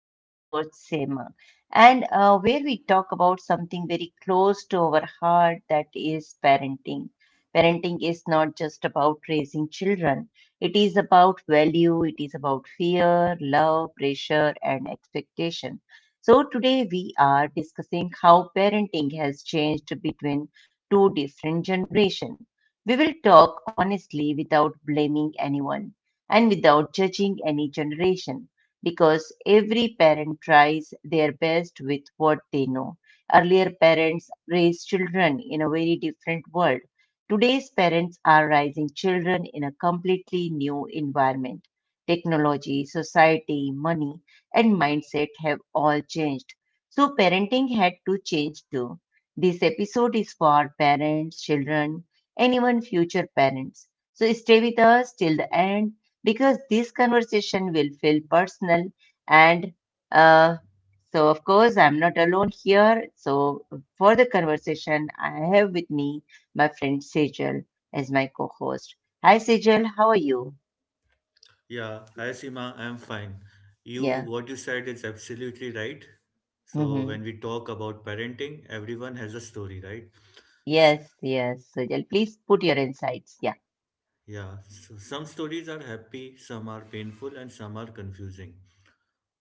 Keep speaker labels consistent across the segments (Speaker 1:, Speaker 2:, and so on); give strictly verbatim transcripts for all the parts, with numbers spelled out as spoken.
Speaker 1: This is your host, Seema, and uh, where we talk about something very close to our heart, that is parenting. Parenting is not just about raising children, it is about value, it is about fear, love, pressure, and expectation. So today we are discussing how parenting has changed between two different generations. We will talk honestly without blaming anyone and without judging any generation, because every parent tries their best with what they know. Earlier parents raised children in a very different world. Today's parents are raising children in a completely new environment. Technology, society, money, and mindset have all changed. So parenting had to change too. This episode is for parents, children, and even future parents. So stay with us till the end, because this conversation will feel personal and uh, so of course i'm not alone here. So for the conversation I have with me my friend Sejal as my co-host. Hi Sejal, how are you?
Speaker 2: Yeah, hi Seema, I'm fine. You,
Speaker 1: Yeah.
Speaker 2: what you said is absolutely right. So
Speaker 1: hmm
Speaker 2: when we talk about parenting, everyone has a story, right? S-
Speaker 1: yes, yes, Sejal, please put your insights. Yeah.
Speaker 2: Yeah, so some stories are happy, some are painful, and some are confusing.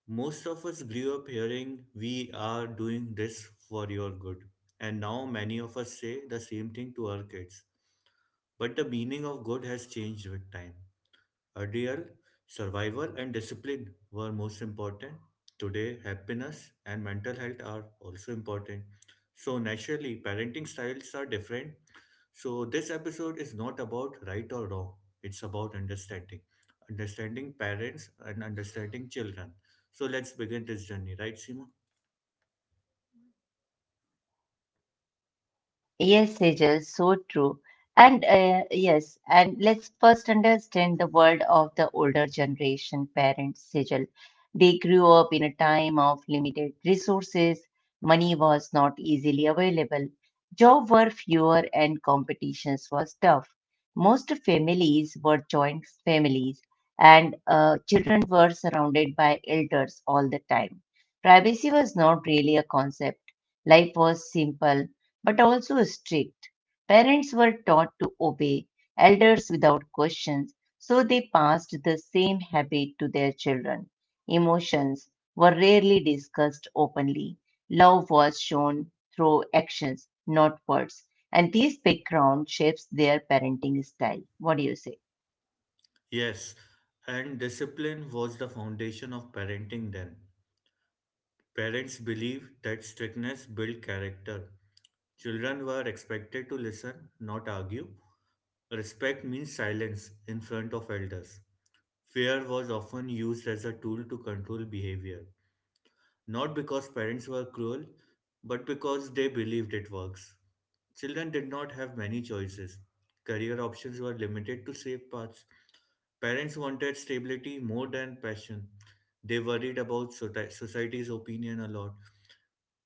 Speaker 2: Most of us grew up hearing, we are doing this for your good. And now many of us say the same thing to our kids. But the meaning of good has changed with time. Earlier, survival and discipline were most important. Today, happiness and mental health are also important. So, naturally, parenting styles are different. So, this episode is not about right or wrong, it's about understanding. Understanding parents and understanding children. So, let's begin this journey, right, Seema?
Speaker 1: Yes, Sejal, so true. And uh, yes, and let's first understand the world of the older generation parents, Sejal. They grew up in a time of limited resources, money was not easily available, jobs were fewer, and competitions was tough. Most families were joint families, and uh, children were surrounded by elders all the time. Privacy was not really a concept. Life was simple but also strict. Parents were taught to obey elders without questions, so they passed the same habit to their children. Emotions were rarely discussed openly. Love was shown through actions, not words. And these background shapes their parenting style. What do you say?
Speaker 2: Yes, and discipline was the foundation of parenting then. Parents believed that strictness built character. Children were expected to listen, not argue. Respect means silence in front of elders. Fear was often used as a tool to control behavior, not because parents were cruel, but because they believed it works. Children did not have many choices. Career options were limited to safe paths. Parents wanted stability more than passion. They worried about soci- society's opinion a lot.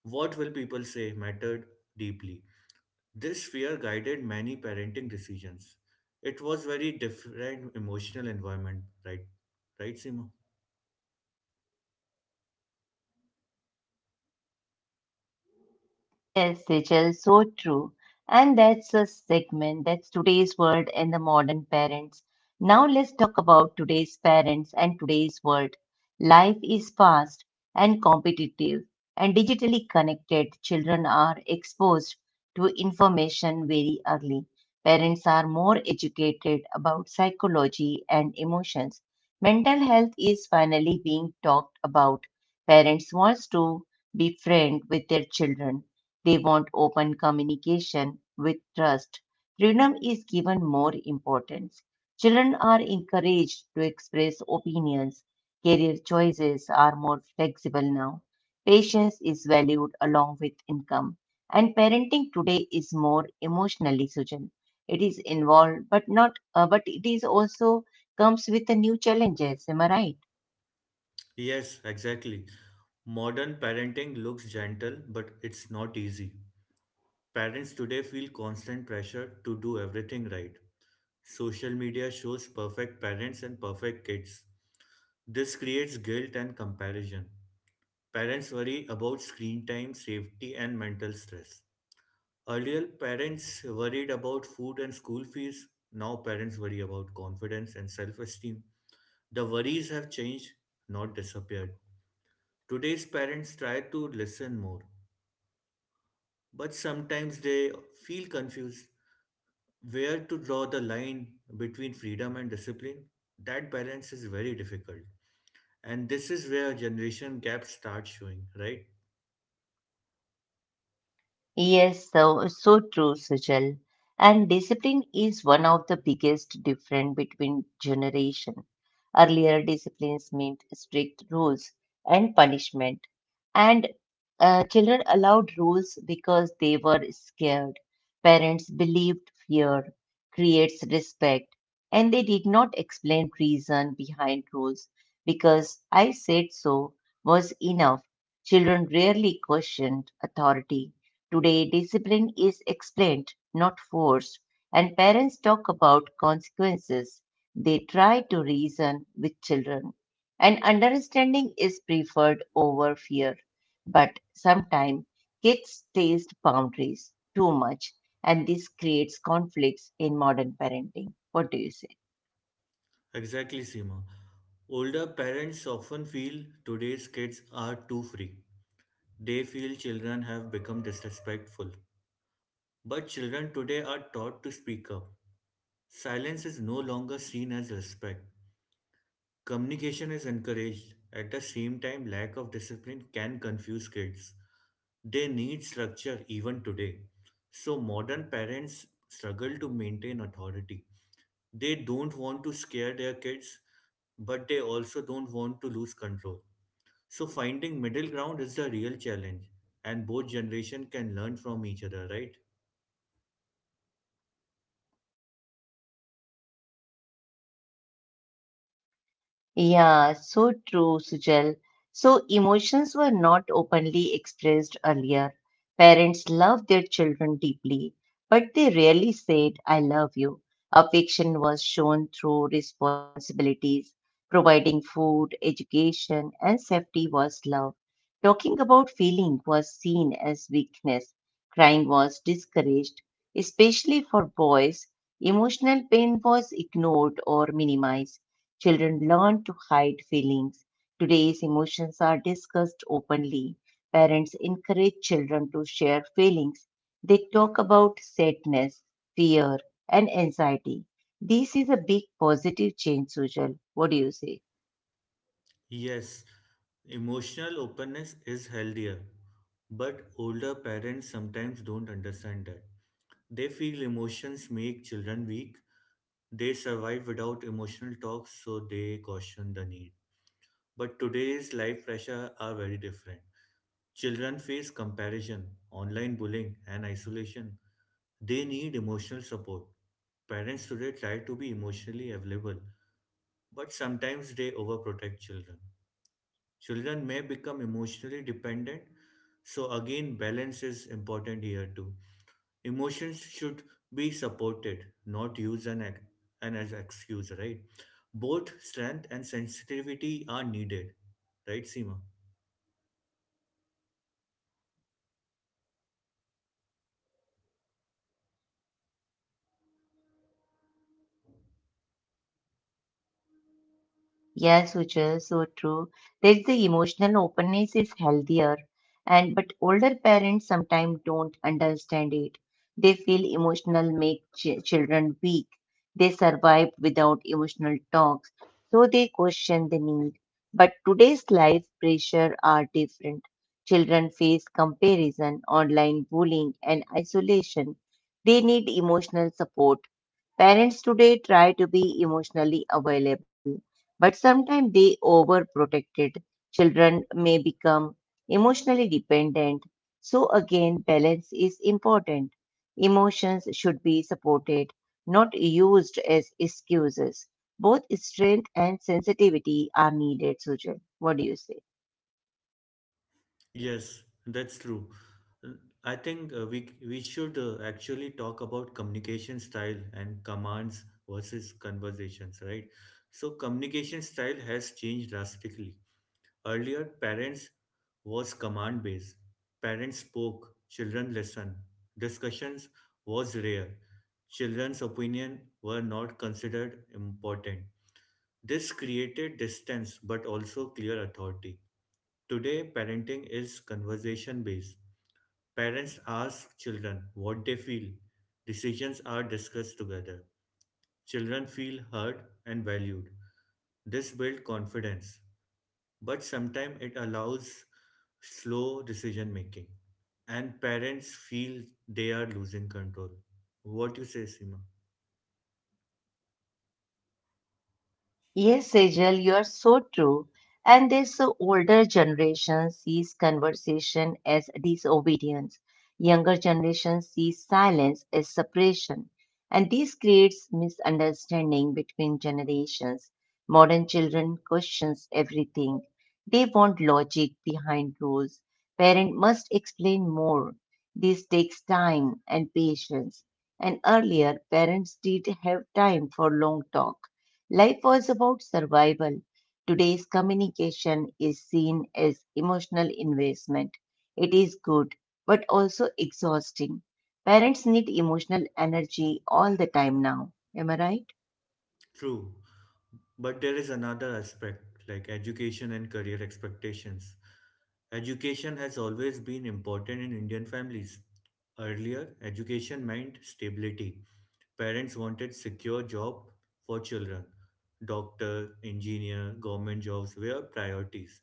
Speaker 2: What will people say mattered deeply. This fear guided many parenting decisions. It was very different emotional environment, right? Right, Simo?
Speaker 1: Yes, Sejal, so true. And that's a segment. That's today's world and the modern parents. Now let's talk about today's parents and today's world. Life is fast and competitive, and digitally connected children are exposed to information very early. Parents are more educated about psychology and emotions. Mental health is finally being talked about. Parents want to be friends with their children, they want open communication with trust. Freedom is given more importance. Children are encouraged to express opinions. Career choices are more flexible now. Patience is valued along with income. And parenting today is more emotionally, Sujan. It is involved, but not, uh, but it is also comes with the new challenges. Am I right?
Speaker 2: Yes, exactly. Modern parenting looks gentle, but it's not easy. Parents today feel constant pressure to do everything right. Social media shows perfect parents and perfect kids. This creates guilt and comparison. Parents worry about screen time, safety, and mental stress. Earlier, parents worried about food and school fees. Now, parents worry about confidence and self esteem. The worries have changed, not disappeared. Today's parents try to listen more, but sometimes they feel confused where to draw the line between freedom and discipline. That balance is very difficult. And this is where generation gaps start showing, right?
Speaker 1: Yes, so, so true, Sujal. And discipline is one of the biggest difference between generation. Earlier disciplines meant strict rules and punishment, and uh, children allowed rules because they were scared. Parents believed fear creates respect, and they did not explain reason behind rules, because I said so was enough. Children rarely questioned authority. Today, discipline is explained, not forced, and parents talk about consequences. They try to reason with children, and understanding is preferred over fear. But sometimes kids taste boundaries too much, and this creates conflicts in modern parenting. What do you say?
Speaker 2: Exactly, Seema. Older parents often feel today's kids are too free. They feel children have become disrespectful. But children today are taught to speak up. Silence is no longer seen as respect. Communication is encouraged. At the same time, lack of discipline can confuse kids. They need structure even today. So, modern parents struggle to maintain authority. They don't want to scare their kids, but they also don't want to lose control. So finding middle ground is the real challenge, and both generation can learn from each other, right?
Speaker 1: Yeah, so true, Sujal. So emotions were not openly expressed earlier. Parents loved their children deeply, but they rarely said, I love you. Affection was shown through responsibilities. Providing food, education, and safety was love. Talking about feeling was seen as weakness. Crying was discouraged, especially for boys. Emotional pain was ignored or minimized. Children learned to hide feelings. Today's emotions are discussed openly. Parents encourage children to share feelings. They talk about sadness, fear, and anxiety. This is a big positive change, Sujal. What do you say?
Speaker 2: Yes, emotional openness is healthier, but older parents sometimes don't understand that. They feel emotions make children weak. They survive without emotional talks, so they caution the need. But today's life pressure are very different. Children face comparison, online bullying, and isolation. They need emotional support. Parents today try to be emotionally available, but sometimes they overprotect children. Children may become emotionally dependent, so again, balance is important here too. Emotions should be supported, not used an, ex- an as excuse, right? Both strength and sensitivity are needed, right, Seema?
Speaker 1: Yes, which is so true. There's the emotional openness is healthier, and but older parents sometimes don't understand it. They feel emotional make ch- children weak. They survive without emotional talks, so they question the need. But today's life pressure are different. Children face comparison, online bullying, and isolation. They need emotional support. Parents today try to be emotionally available, but sometimes they overprotected. Children may become emotionally dependent. So again, balance is important. Emotions should be supported, not used as excuses. Both strength and sensitivity are needed, Sujal. What do you say?
Speaker 2: Yes, that's true. I think uh, we we should uh, actually talk about communication style and commands versus conversations, right? So communication style has changed drastically. Earlier, parents was command based. Parents spoke, children listened. Discussions was rare. Children's opinion were not considered important. This created distance but also clear authority. Today, parenting is conversation based. Parents ask children what they feel. Decisions are discussed together. Children feel heard and valued. This builds confidence, but sometimes it allows slow decision making, and parents feel they are losing control. What you say, Seema?
Speaker 1: Yes, Sejal, you are so true. And this older generation sees conversation as disobedience. Younger generation sees silence as suppression. And this creates misunderstanding between generations. Modern children questions everything. They want logic behind rules. Parents must explain more. This takes time and patience. And earlier, parents did have time for long talk. Life was about survival. Today's communication is seen as emotional investment. It is good, but also exhausting. Parents need emotional energy all the time now. Am I right?
Speaker 2: True, but there is another aspect like education and career expectations. Education has always been important in Indian families. Earlier, education meant stability. Parents wanted secure job for children. Doctor, engineer, government jobs were priorities.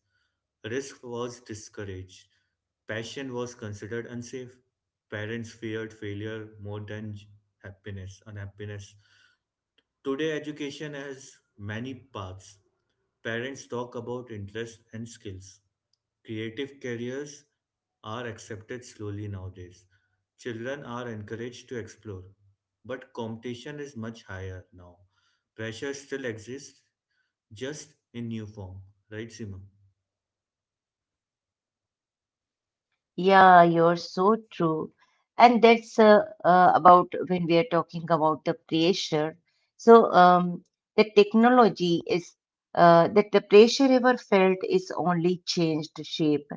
Speaker 2: Risk was discouraged. Passion was considered unsafe. Parents feared failure more than j- happiness, unhappiness. Today, education has many paths. Parents talk about interests and skills. Creative careers are accepted slowly nowadays. Children are encouraged to explore. But competition is much higher now. Pressure still exists, just in new form. Right, Simon?
Speaker 1: Yeah, you're so true. And that's uh, uh, about when we are talking about the pressure. So, um, the technology is uh, that the pressure ever felt is only changed shape.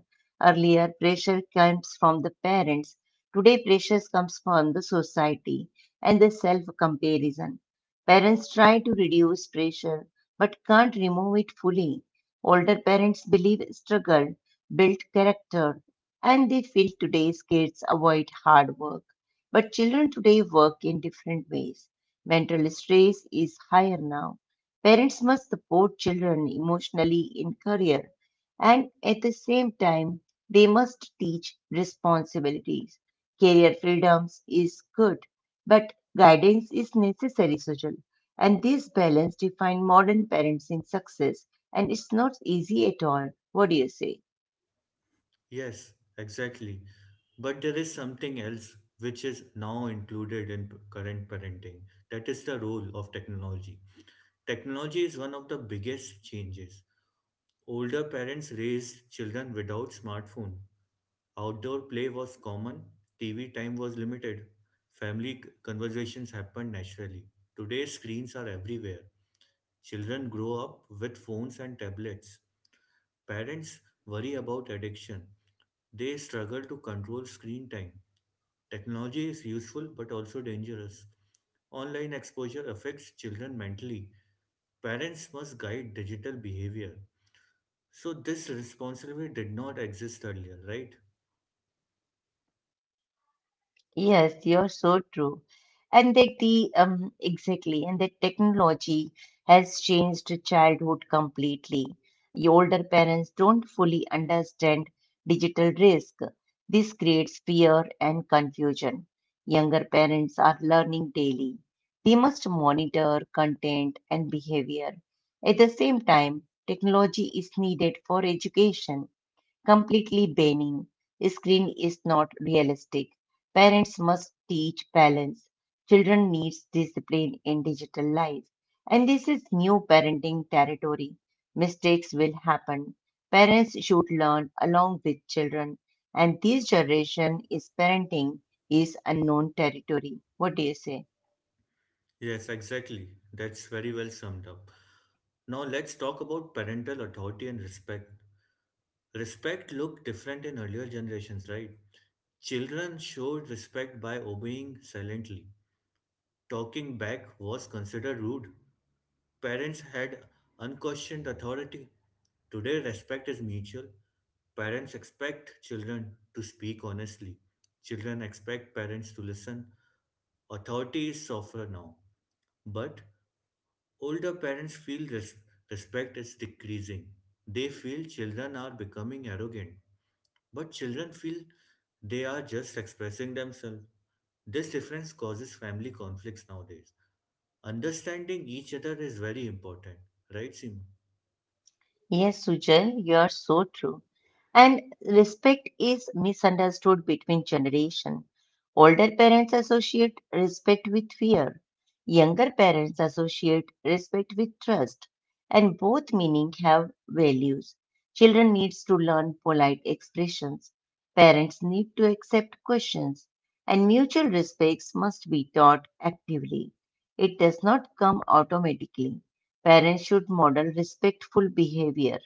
Speaker 1: Earlier, pressure comes from the parents. Today, pressure comes from the society and the self-comparison. Parents try to reduce pressure but can't remove it fully. Older parents believe struggle built character, and they feel today's kids avoid hard work. But children today work in different ways. Mental stress is higher now. Parents must support children emotionally in career, and at the same time, they must teach responsibilities. Career freedoms is good, but guidance is necessary, Sujal. And this balance defines modern parenting success, and it's not easy at all. What do you say?
Speaker 2: Yes, exactly. But there is something else which is now included in p- current parenting. That is the role of technology. Technology is one of the biggest changes. Older parents raised children without smartphone. Outdoor play was common, T V time was limited. Family c- conversations happened naturally. Today screens are everywhere. Children grow up with phones and tablets. Parents worry about addiction. They struggle to control screen time. Technology is useful but also dangerous. Online exposure affects children mentally. Parents must guide digital behavior. So this responsibility did not exist earlier, right?
Speaker 1: Yes, you're so true. And that the um exactly, and that technology has changed childhood completely. The older parents don't fully understand digital risk. This creates fear and confusion. Younger parents are learning daily. They must monitor content and behavior. At the same time, technology is needed for education. Completely banning screen is not realistic. Parents must teach balance. Children needs discipline in digital life. And this is new parenting territory. Mistakes will happen. Parents should learn along with children. And this generation is parenting is unknown territory. What do you say?
Speaker 2: Yes, exactly. That's very well summed up. Now let's talk about parental authority and respect. Respect looked different in earlier generations, right? Children showed respect by obeying silently. Talking back was considered rude. Parents had unquestioned authority. Today, respect is mutual. Parents expect children to speak honestly. Children expect parents to listen. Authority is softer now, but older parents feel res- respect is decreasing. They feel children are becoming arrogant, but children feel they are just expressing themselves. This difference causes family conflicts nowadays. Understanding each other is very important, right, Seema?
Speaker 1: Yes, Sujal, you are so true. And respect is misunderstood between generation. Older parents associate respect with fear. Younger parents associate respect with trust. And both meaning have values. Children needs to learn polite expressions. Parents need to accept questions. And mutual respects must be taught actively. It does not come automatically. Parents should model respectful behavior.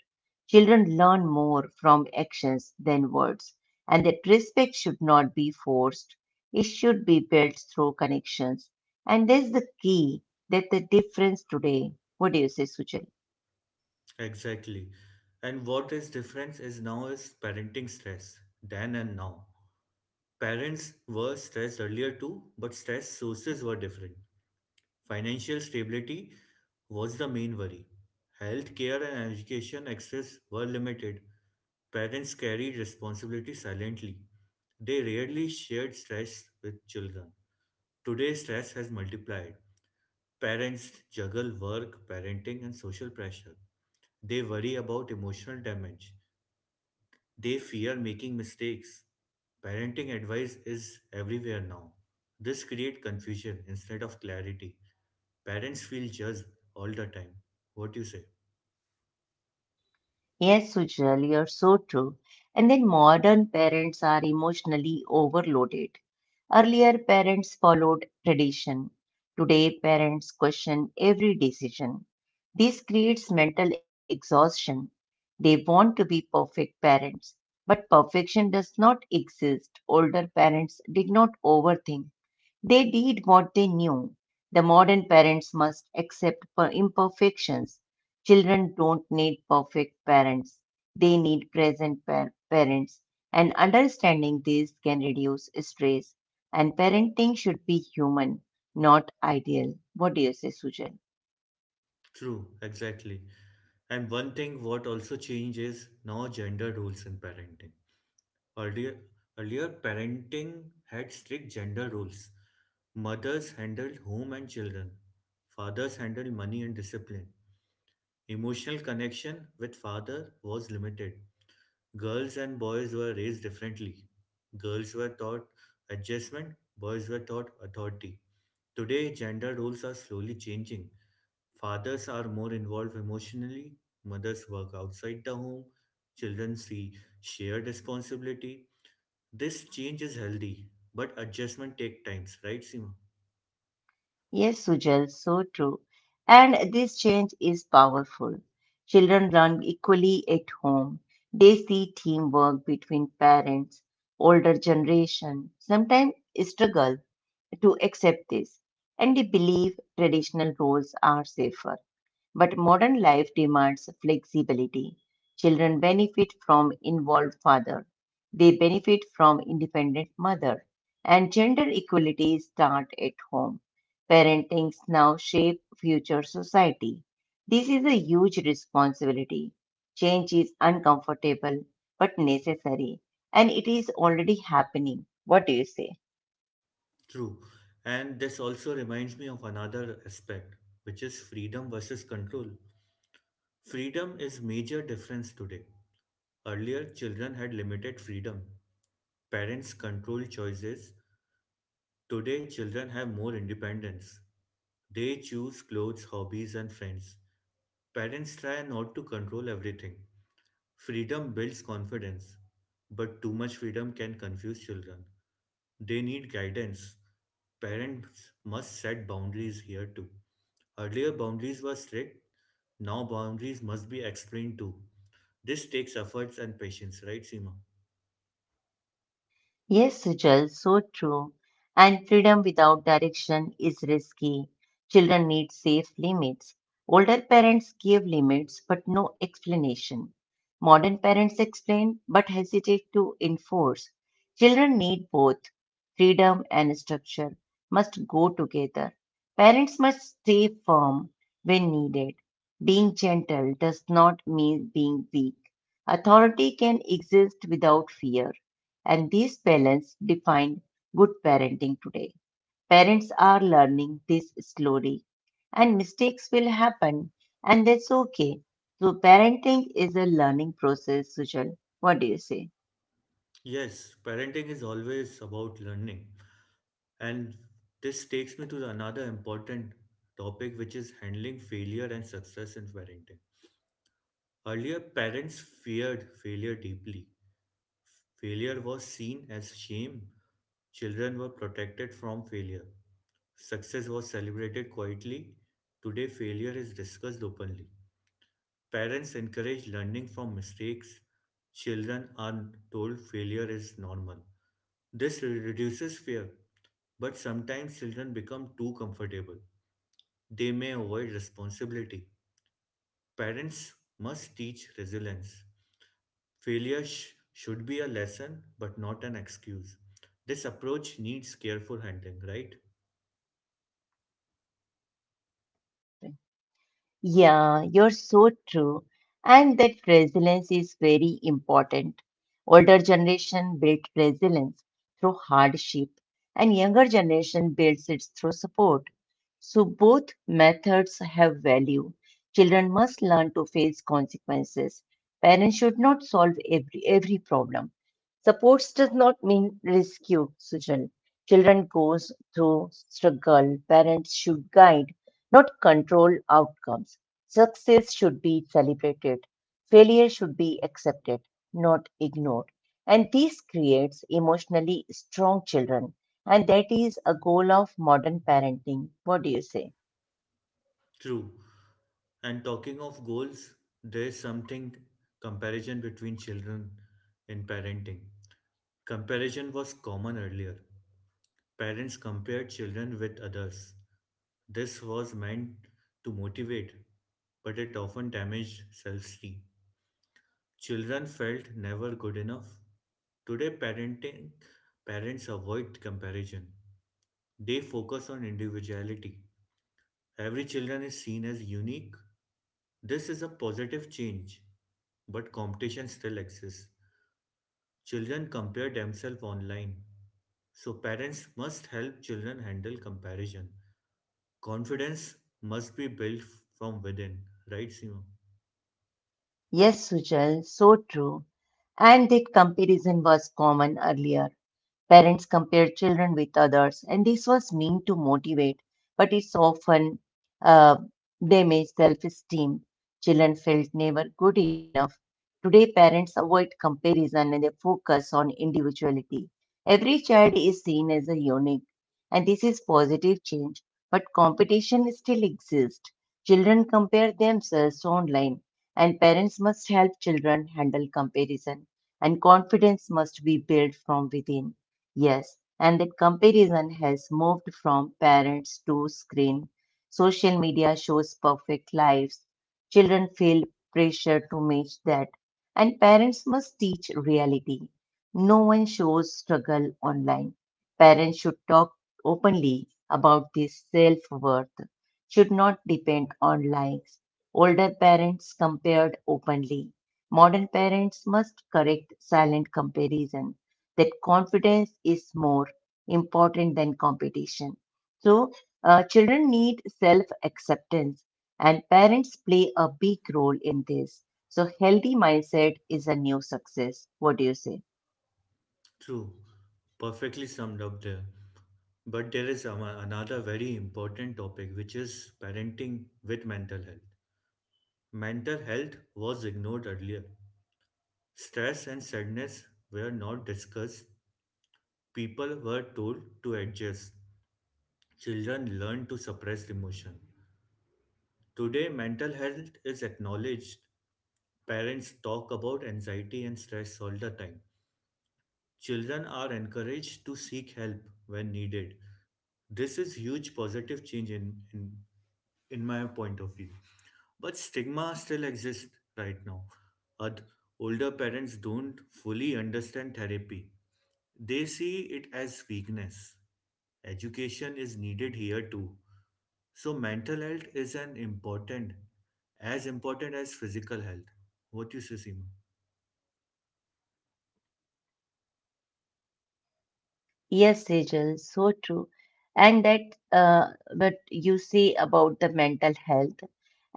Speaker 1: Children learn more from actions than words, and that respect should not be forced. It should be built through connections. And that's the key, that the difference today. What do you say, Suchit?
Speaker 2: Exactly. And what is difference is now is parenting stress, then and now. Parents were stressed earlier too, but stress sources were different. Financial stability was the main worry. Health care and education access were limited. Parents carried responsibility silently. They rarely shared stress with children. Today, stress has multiplied. Parents juggle work, parenting, and social pressure. They worry about emotional damage. They fear making mistakes. Parenting advice is everywhere now. This creates confusion instead of clarity. Parents feel judged all the time. What you say?
Speaker 1: Yes, Sujal, you're so true. And then modern parents are emotionally overloaded. Earlier, parents followed tradition. Today, parents question every decision. This creates mental exhaustion. They want to be perfect parents, but perfection does not exist. Older parents did not overthink, they did what they knew. The modern parents must accept per- imperfections. Children don't need perfect parents, they need present par- parents. And understanding this can reduce stress. And parenting should be human, not ideal. What do you say, Sujal?
Speaker 2: True, exactly. And one thing what also changes now gender roles in parenting. Earlier, earlier parenting had strict gender roles. Mothers handled home and children. Fathers handled money and discipline. Emotional connection with father was limited. Girls and boys were raised differently. Girls were taught adjustment, boys were taught authority. Today, gender roles are slowly changing. Fathers are more involved emotionally, mothers work outside the home, children see shared responsibility. This change is healthy, but adjustment take times, right, Seema?
Speaker 1: Yes, Sujal, so true. And this change is powerful. Children learn equally at home. They see teamwork between parents, older generation, sometimes struggle to accept this, and they believe traditional roles are safer. But modern life demands flexibility. Children benefit from involved father. They benefit from independent mother. And gender equality start at home. Parenting now shape future society. This is a huge responsibility. Change is uncomfortable but necessary. And it is already happening. What do you say?
Speaker 2: True. And this also reminds me of another aspect, which is freedom versus control. Freedom is major difference today. Earlier, children had limited freedom. Parents controlled choices. Today, children have more independence. They choose clothes, hobbies, and friends. Parents try not to control everything. Freedom builds confidence, but too much freedom can confuse children. They need guidance. Parents must set boundaries here too. Earlier, boundaries were strict. Now, boundaries must be explained too. This takes efforts and patience, right, Seema?
Speaker 1: Yes, Sujal, so true. And freedom without direction is risky. Children need safe limits. Older parents give limits but no explanation. Modern parents explain but hesitate to enforce. Children need both. Freedom and structure must go together. Parents must stay firm when needed. Being gentle does not mean being weak. Authority can exist without fear, and this balance defines good parenting today. Parents are learning this slowly, and mistakes will happen, and that's okay. So parenting is a learning process, Sujal. What do you say?
Speaker 2: Yes, parenting is always about learning. And this takes me to another important topic, which is handling failure and success in parenting. Earlier, parents feared failure deeply. Failure was seen as shame. Children were protected from failure. Success was celebrated quietly. Today, failure is discussed openly. Parents encourage learning from mistakes. Children are told failure is normal. This re- reduces fear, but sometimes children become too comfortable. They may avoid responsibility. Parents must teach resilience. Failure sh- should be a lesson, but not an excuse. This approach needs careful handling, right?
Speaker 1: Bajrang? Yeah, you're so true. And that resilience is very important. Older generation built resilience through hardship, and younger generation builds it through support. So both methods have value. Children must learn to face consequences. Parents should not solve every every problem. Supports does not mean rescue, Sujal. Children goes through struggle. Parents should guide, not control outcomes. Success should be celebrated, failure should be accepted, not ignored. And this creates emotionally strong children. And that is a goal of modern parenting. What do you say?
Speaker 2: True. And talking of goals, there is something comparison between children in parenting. Comparison was common earlier. Parents compared children with others. This was meant to motivate, but it often damaged self esteem. Children felt never good enough. Today, parenting, parents avoid comparison. They focus on individuality. Every children is seen as unique. This is a positive change, but competition still exists. Children compare themselves online, so parents must help children handle comparison. Confidence must be built from within, right, Seema?
Speaker 1: Yes, Sujal, so true. And that comparison was common earlier. Parents compare children with others, and this was meant to motivate, but it's often uh, damaged self esteem. Children felt never good enough. Today, parents avoid comparison and they focus on individuality. Every child is seen as a unique, and this is positive change, but competition still exists. Children compare themselves online, and parents must help children handle comparison, and confidence must be built from within. Yes, and that comparison has moved from parents to screen. Social media shows perfect lives. Children feel pressure to match that, and parents must teach reality. No one shows struggle online. Parents should talk openly about this self worth, should not depend on likes. Older parents compared openly. Modern parents must correct silent comparison. That confidence is more important than competition. So, uh, children need self acceptance, and parents play a big role in this. So, healthy mindset is a new success. What do you say?
Speaker 2: True, perfectly summed up there. But there is ama- another very important topic, which is parenting with mental health. Mental health was ignored earlier. Stress and sadness were not discussed. People were told to adjust. Children learned to suppress emotion. Today, mental health is acknowledged. Parents talk about anxiety and stress all the time. Children are encouraged to seek help when needed. This is huge positive change in, in, in my point of view. But stigma still exists right now. Oth- Older parents don't fully understand therapy. They see it as weakness. Education is needed here too. So mental health is an important, as important as physical health. What do you say, Seema?
Speaker 1: Yes, Sejal, so true. And that uh, what you say about the mental health.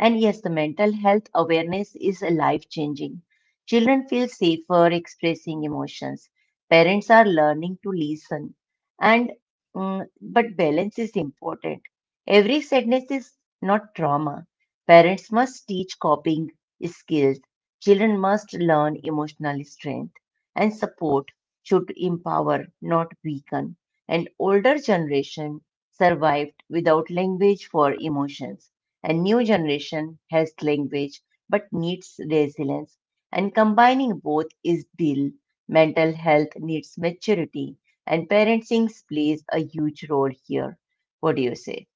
Speaker 1: And yes, the mental health awareness is life changing. Children feel safer expressing emotions. Parents are learning to listen. And mm, but balance is important. Every sadness is not trauma. Parents must teach coping skills. Children must learn emotional strength and support should empower, not weaken. An older generation survived without language for emotions. A new generation has language but needs resilience. And combining both is deal. Mental health needs maturity, and parenting plays a huge role here. What do you say?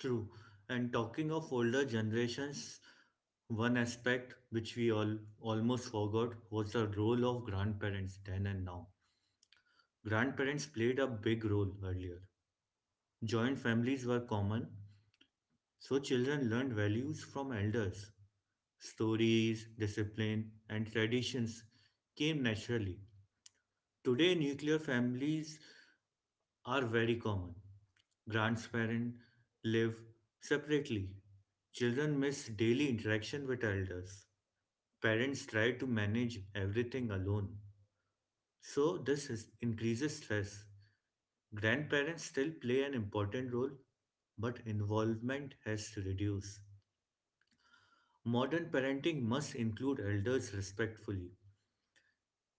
Speaker 2: True. And talking of older generations, one aspect which we all almost forgot was the role of grandparents then and now. Grandparents played a big role earlier. Joint families were common, so children learned values from elders. Stories, discipline, and traditions came naturally. Today, nuclear families are very common. Grandparents live separately. Children miss daily interaction with elders. Parents try to manage everything alone. So, this is, increases stress. Grandparents still play an important role, but involvement has to reduce. Modern parenting must include elders respectfully.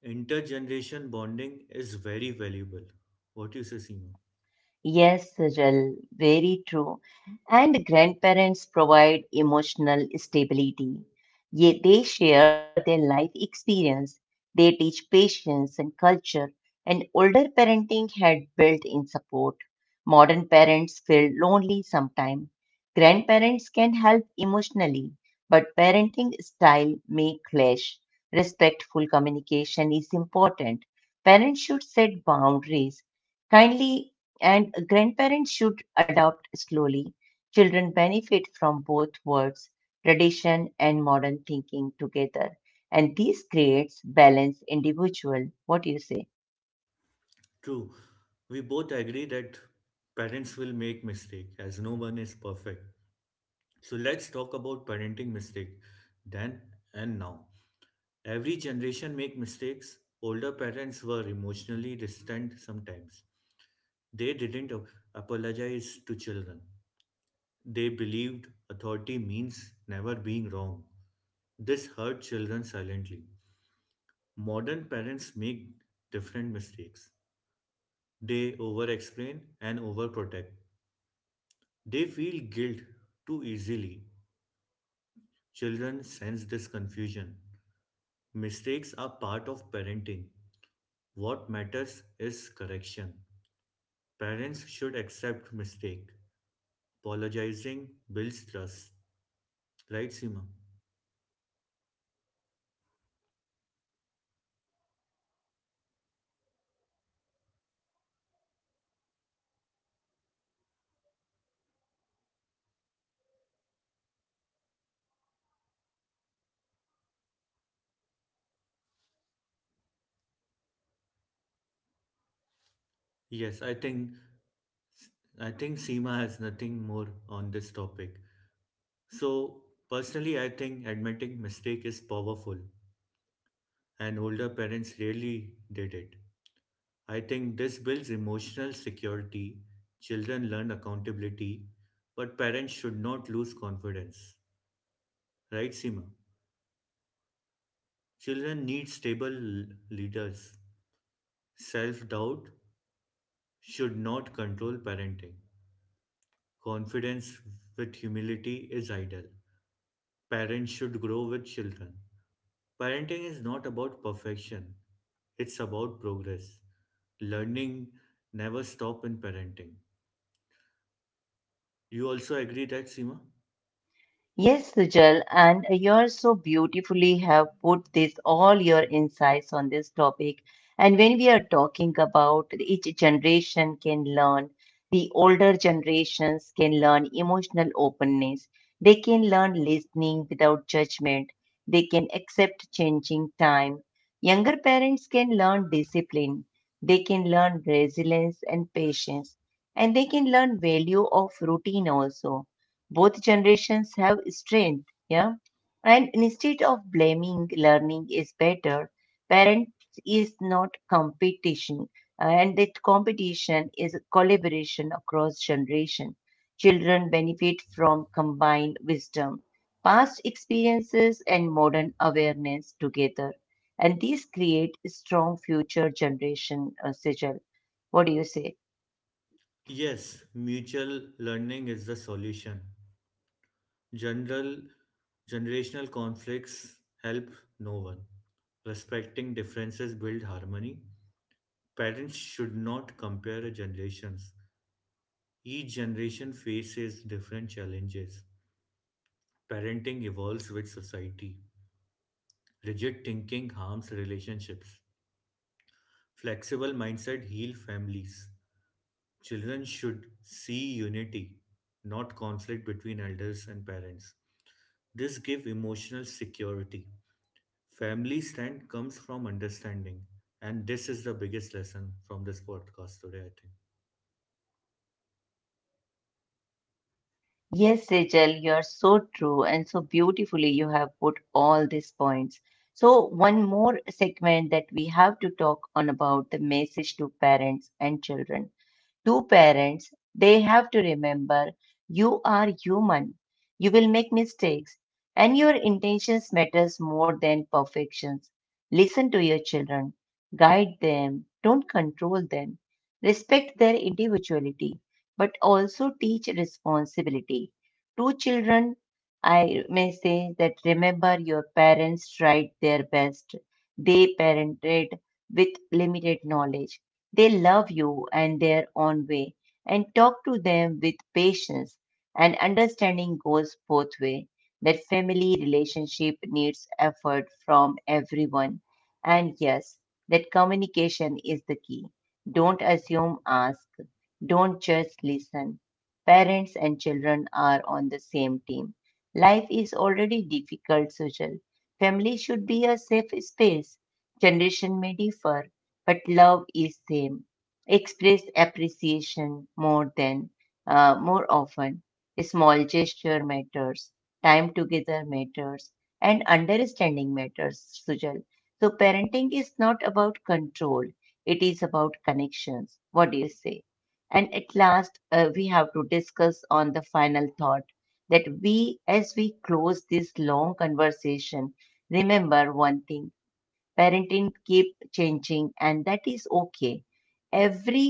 Speaker 2: Intergeneration bonding is very valuable. What do you say, Seema?
Speaker 1: Yes, Sejal, very true. And grandparents provide emotional stability. Yet they share their life experience. They teach patience and culture. And older parenting had built-in support. Modern parents feel lonely sometimes. Grandparents can help emotionally, but parenting style may clash. Respectful communication is important. Parents should set boundaries kindly and grandparents should adopt slowly. Children benefit from both words, tradition and modern thinking together, and this creates balance individual. What do you say?
Speaker 2: True, we both agree that parents will make mistake as no one is perfect. So let's talk about parenting mistake then and now. Every generation make mistakes. Older parents were emotionally distant sometimes. They didn't ap- apologize to children. They believed authority means never being wrong. This hurt children silently. Modern parents make different mistakes. They over explain and overprotect. They feel guilt too easily. Children sense this confusion. Mistakes are part of parenting. What matters is correction. Parents should accept mistake. Apologizing builds trust. Right, Seema? Yes, I think I think Seema has nothing more on this topic. So personally I think admitting mistake is powerful and older parents rarely did it. I think this builds emotional security. Children learn accountability, but parents should not lose confidence. Right, Seema? Children need stable l- leaders. Self doubt should not control parenting. Confidence with humility is ideal. Parents should grow with children. Parenting is not about perfection, it's about progress. Learning never stop in parenting. You also agree that, Seema?
Speaker 1: Yes, Sujal, and you're so beautifully have put this all your insights on this topic. And when we are talking about each generation can learn, the older generations can learn emotional openness. They can learn listening without judgment. They can accept changing time. Younger parents can learn discipline. They can learn resilience and patience. And they can learn value of routine also, both generations have strength, yeah, and instead of blaming learning is better, parents is not competition, and that competition is collaboration across generation, children benefit from combined wisdom, past experiences and modern awareness together, and these create strong future generation, uh, sigil, what do you say?
Speaker 2: Yes, mutual learning is the solution. General Generational conflicts help no one. Respecting differences build harmony. Parents should not compare generations. Each generation faces different challenges. Parenting evolves with society. Rigid thinking harms relationships. Flexible mindset heal families. Children should see unity, not conflict between elders and parents. This gives emotional security. Family strength comes from understanding. And this is the biggest lesson from this podcast today, I think.
Speaker 1: Yes, Rachel, you're so true and so beautifully you have put all these points. So, one more segment that we have to talk on about the message to parents and children. To parents, they have to remember, you are human. You will make mistakes and your intentions matters more than perfections. Listen to your children, guide them, don't control them. Respect their individuality, but also teach responsibility. To children, I may say that remember your parents tried their best. They parented with limited knowledge, they love you and their own way, and talk to them with patience, and understanding goes both way. That family relationship needs effort from everyone. And yes, that communication is the key. Don't assume, ask. Don't just listen. Parents and children are on the same team. Life is already difficult, Sujal. Family should be a safe space. Generation may differ, but love is same. Express appreciation more than uh, more often. Small gesture matters. Time together matters, and understanding matters, Sujal. So parenting is not about control. It is about connections. What do you say? And at last, uh, we have to discuss on the final thought that we, as we close this long conversation, remember one thing, parenting keep changing, and that is okay. Every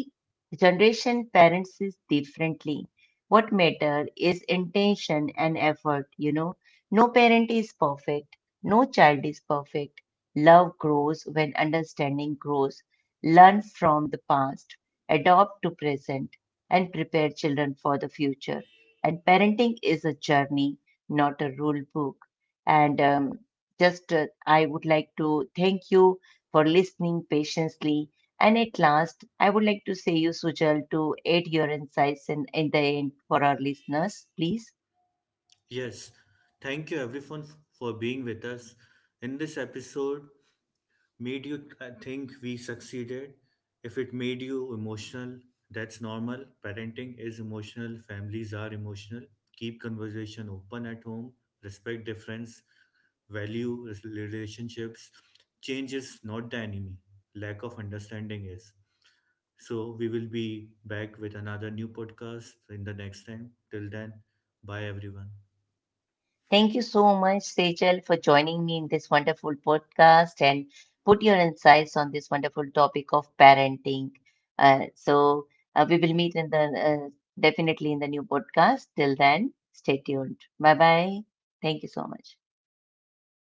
Speaker 1: generation parents is differently. What matter is intention and effort, you know. No parent is perfect. No child is perfect. Love grows when understanding grows. Learn from the past, adopt to present, and prepare children for the future. And parenting is a journey, not a rule book. And um, just uh, I would like to thank you for listening patiently and at last, I would like to say you, Sujal, to add your insights in, in the end for our listeners, please.
Speaker 2: Yes, thank you everyone f- for being with us in this episode. Made you uh, think we succeeded, if it made you emotional, that's normal. Parenting is emotional, families are emotional. Keep conversation open at home, respect difference, value res- relationships. Change is not the enemy, lack of understanding is. So we will be back with another new podcast in the next time. Till then, bye everyone.
Speaker 1: Thank you so much, Sejal, for joining me in this wonderful podcast and put your insights on this wonderful topic of parenting. Uh, so uh, we will meet in the uh, definitely in the new podcast. Till then, stay tuned. Bye bye. Thank you so much.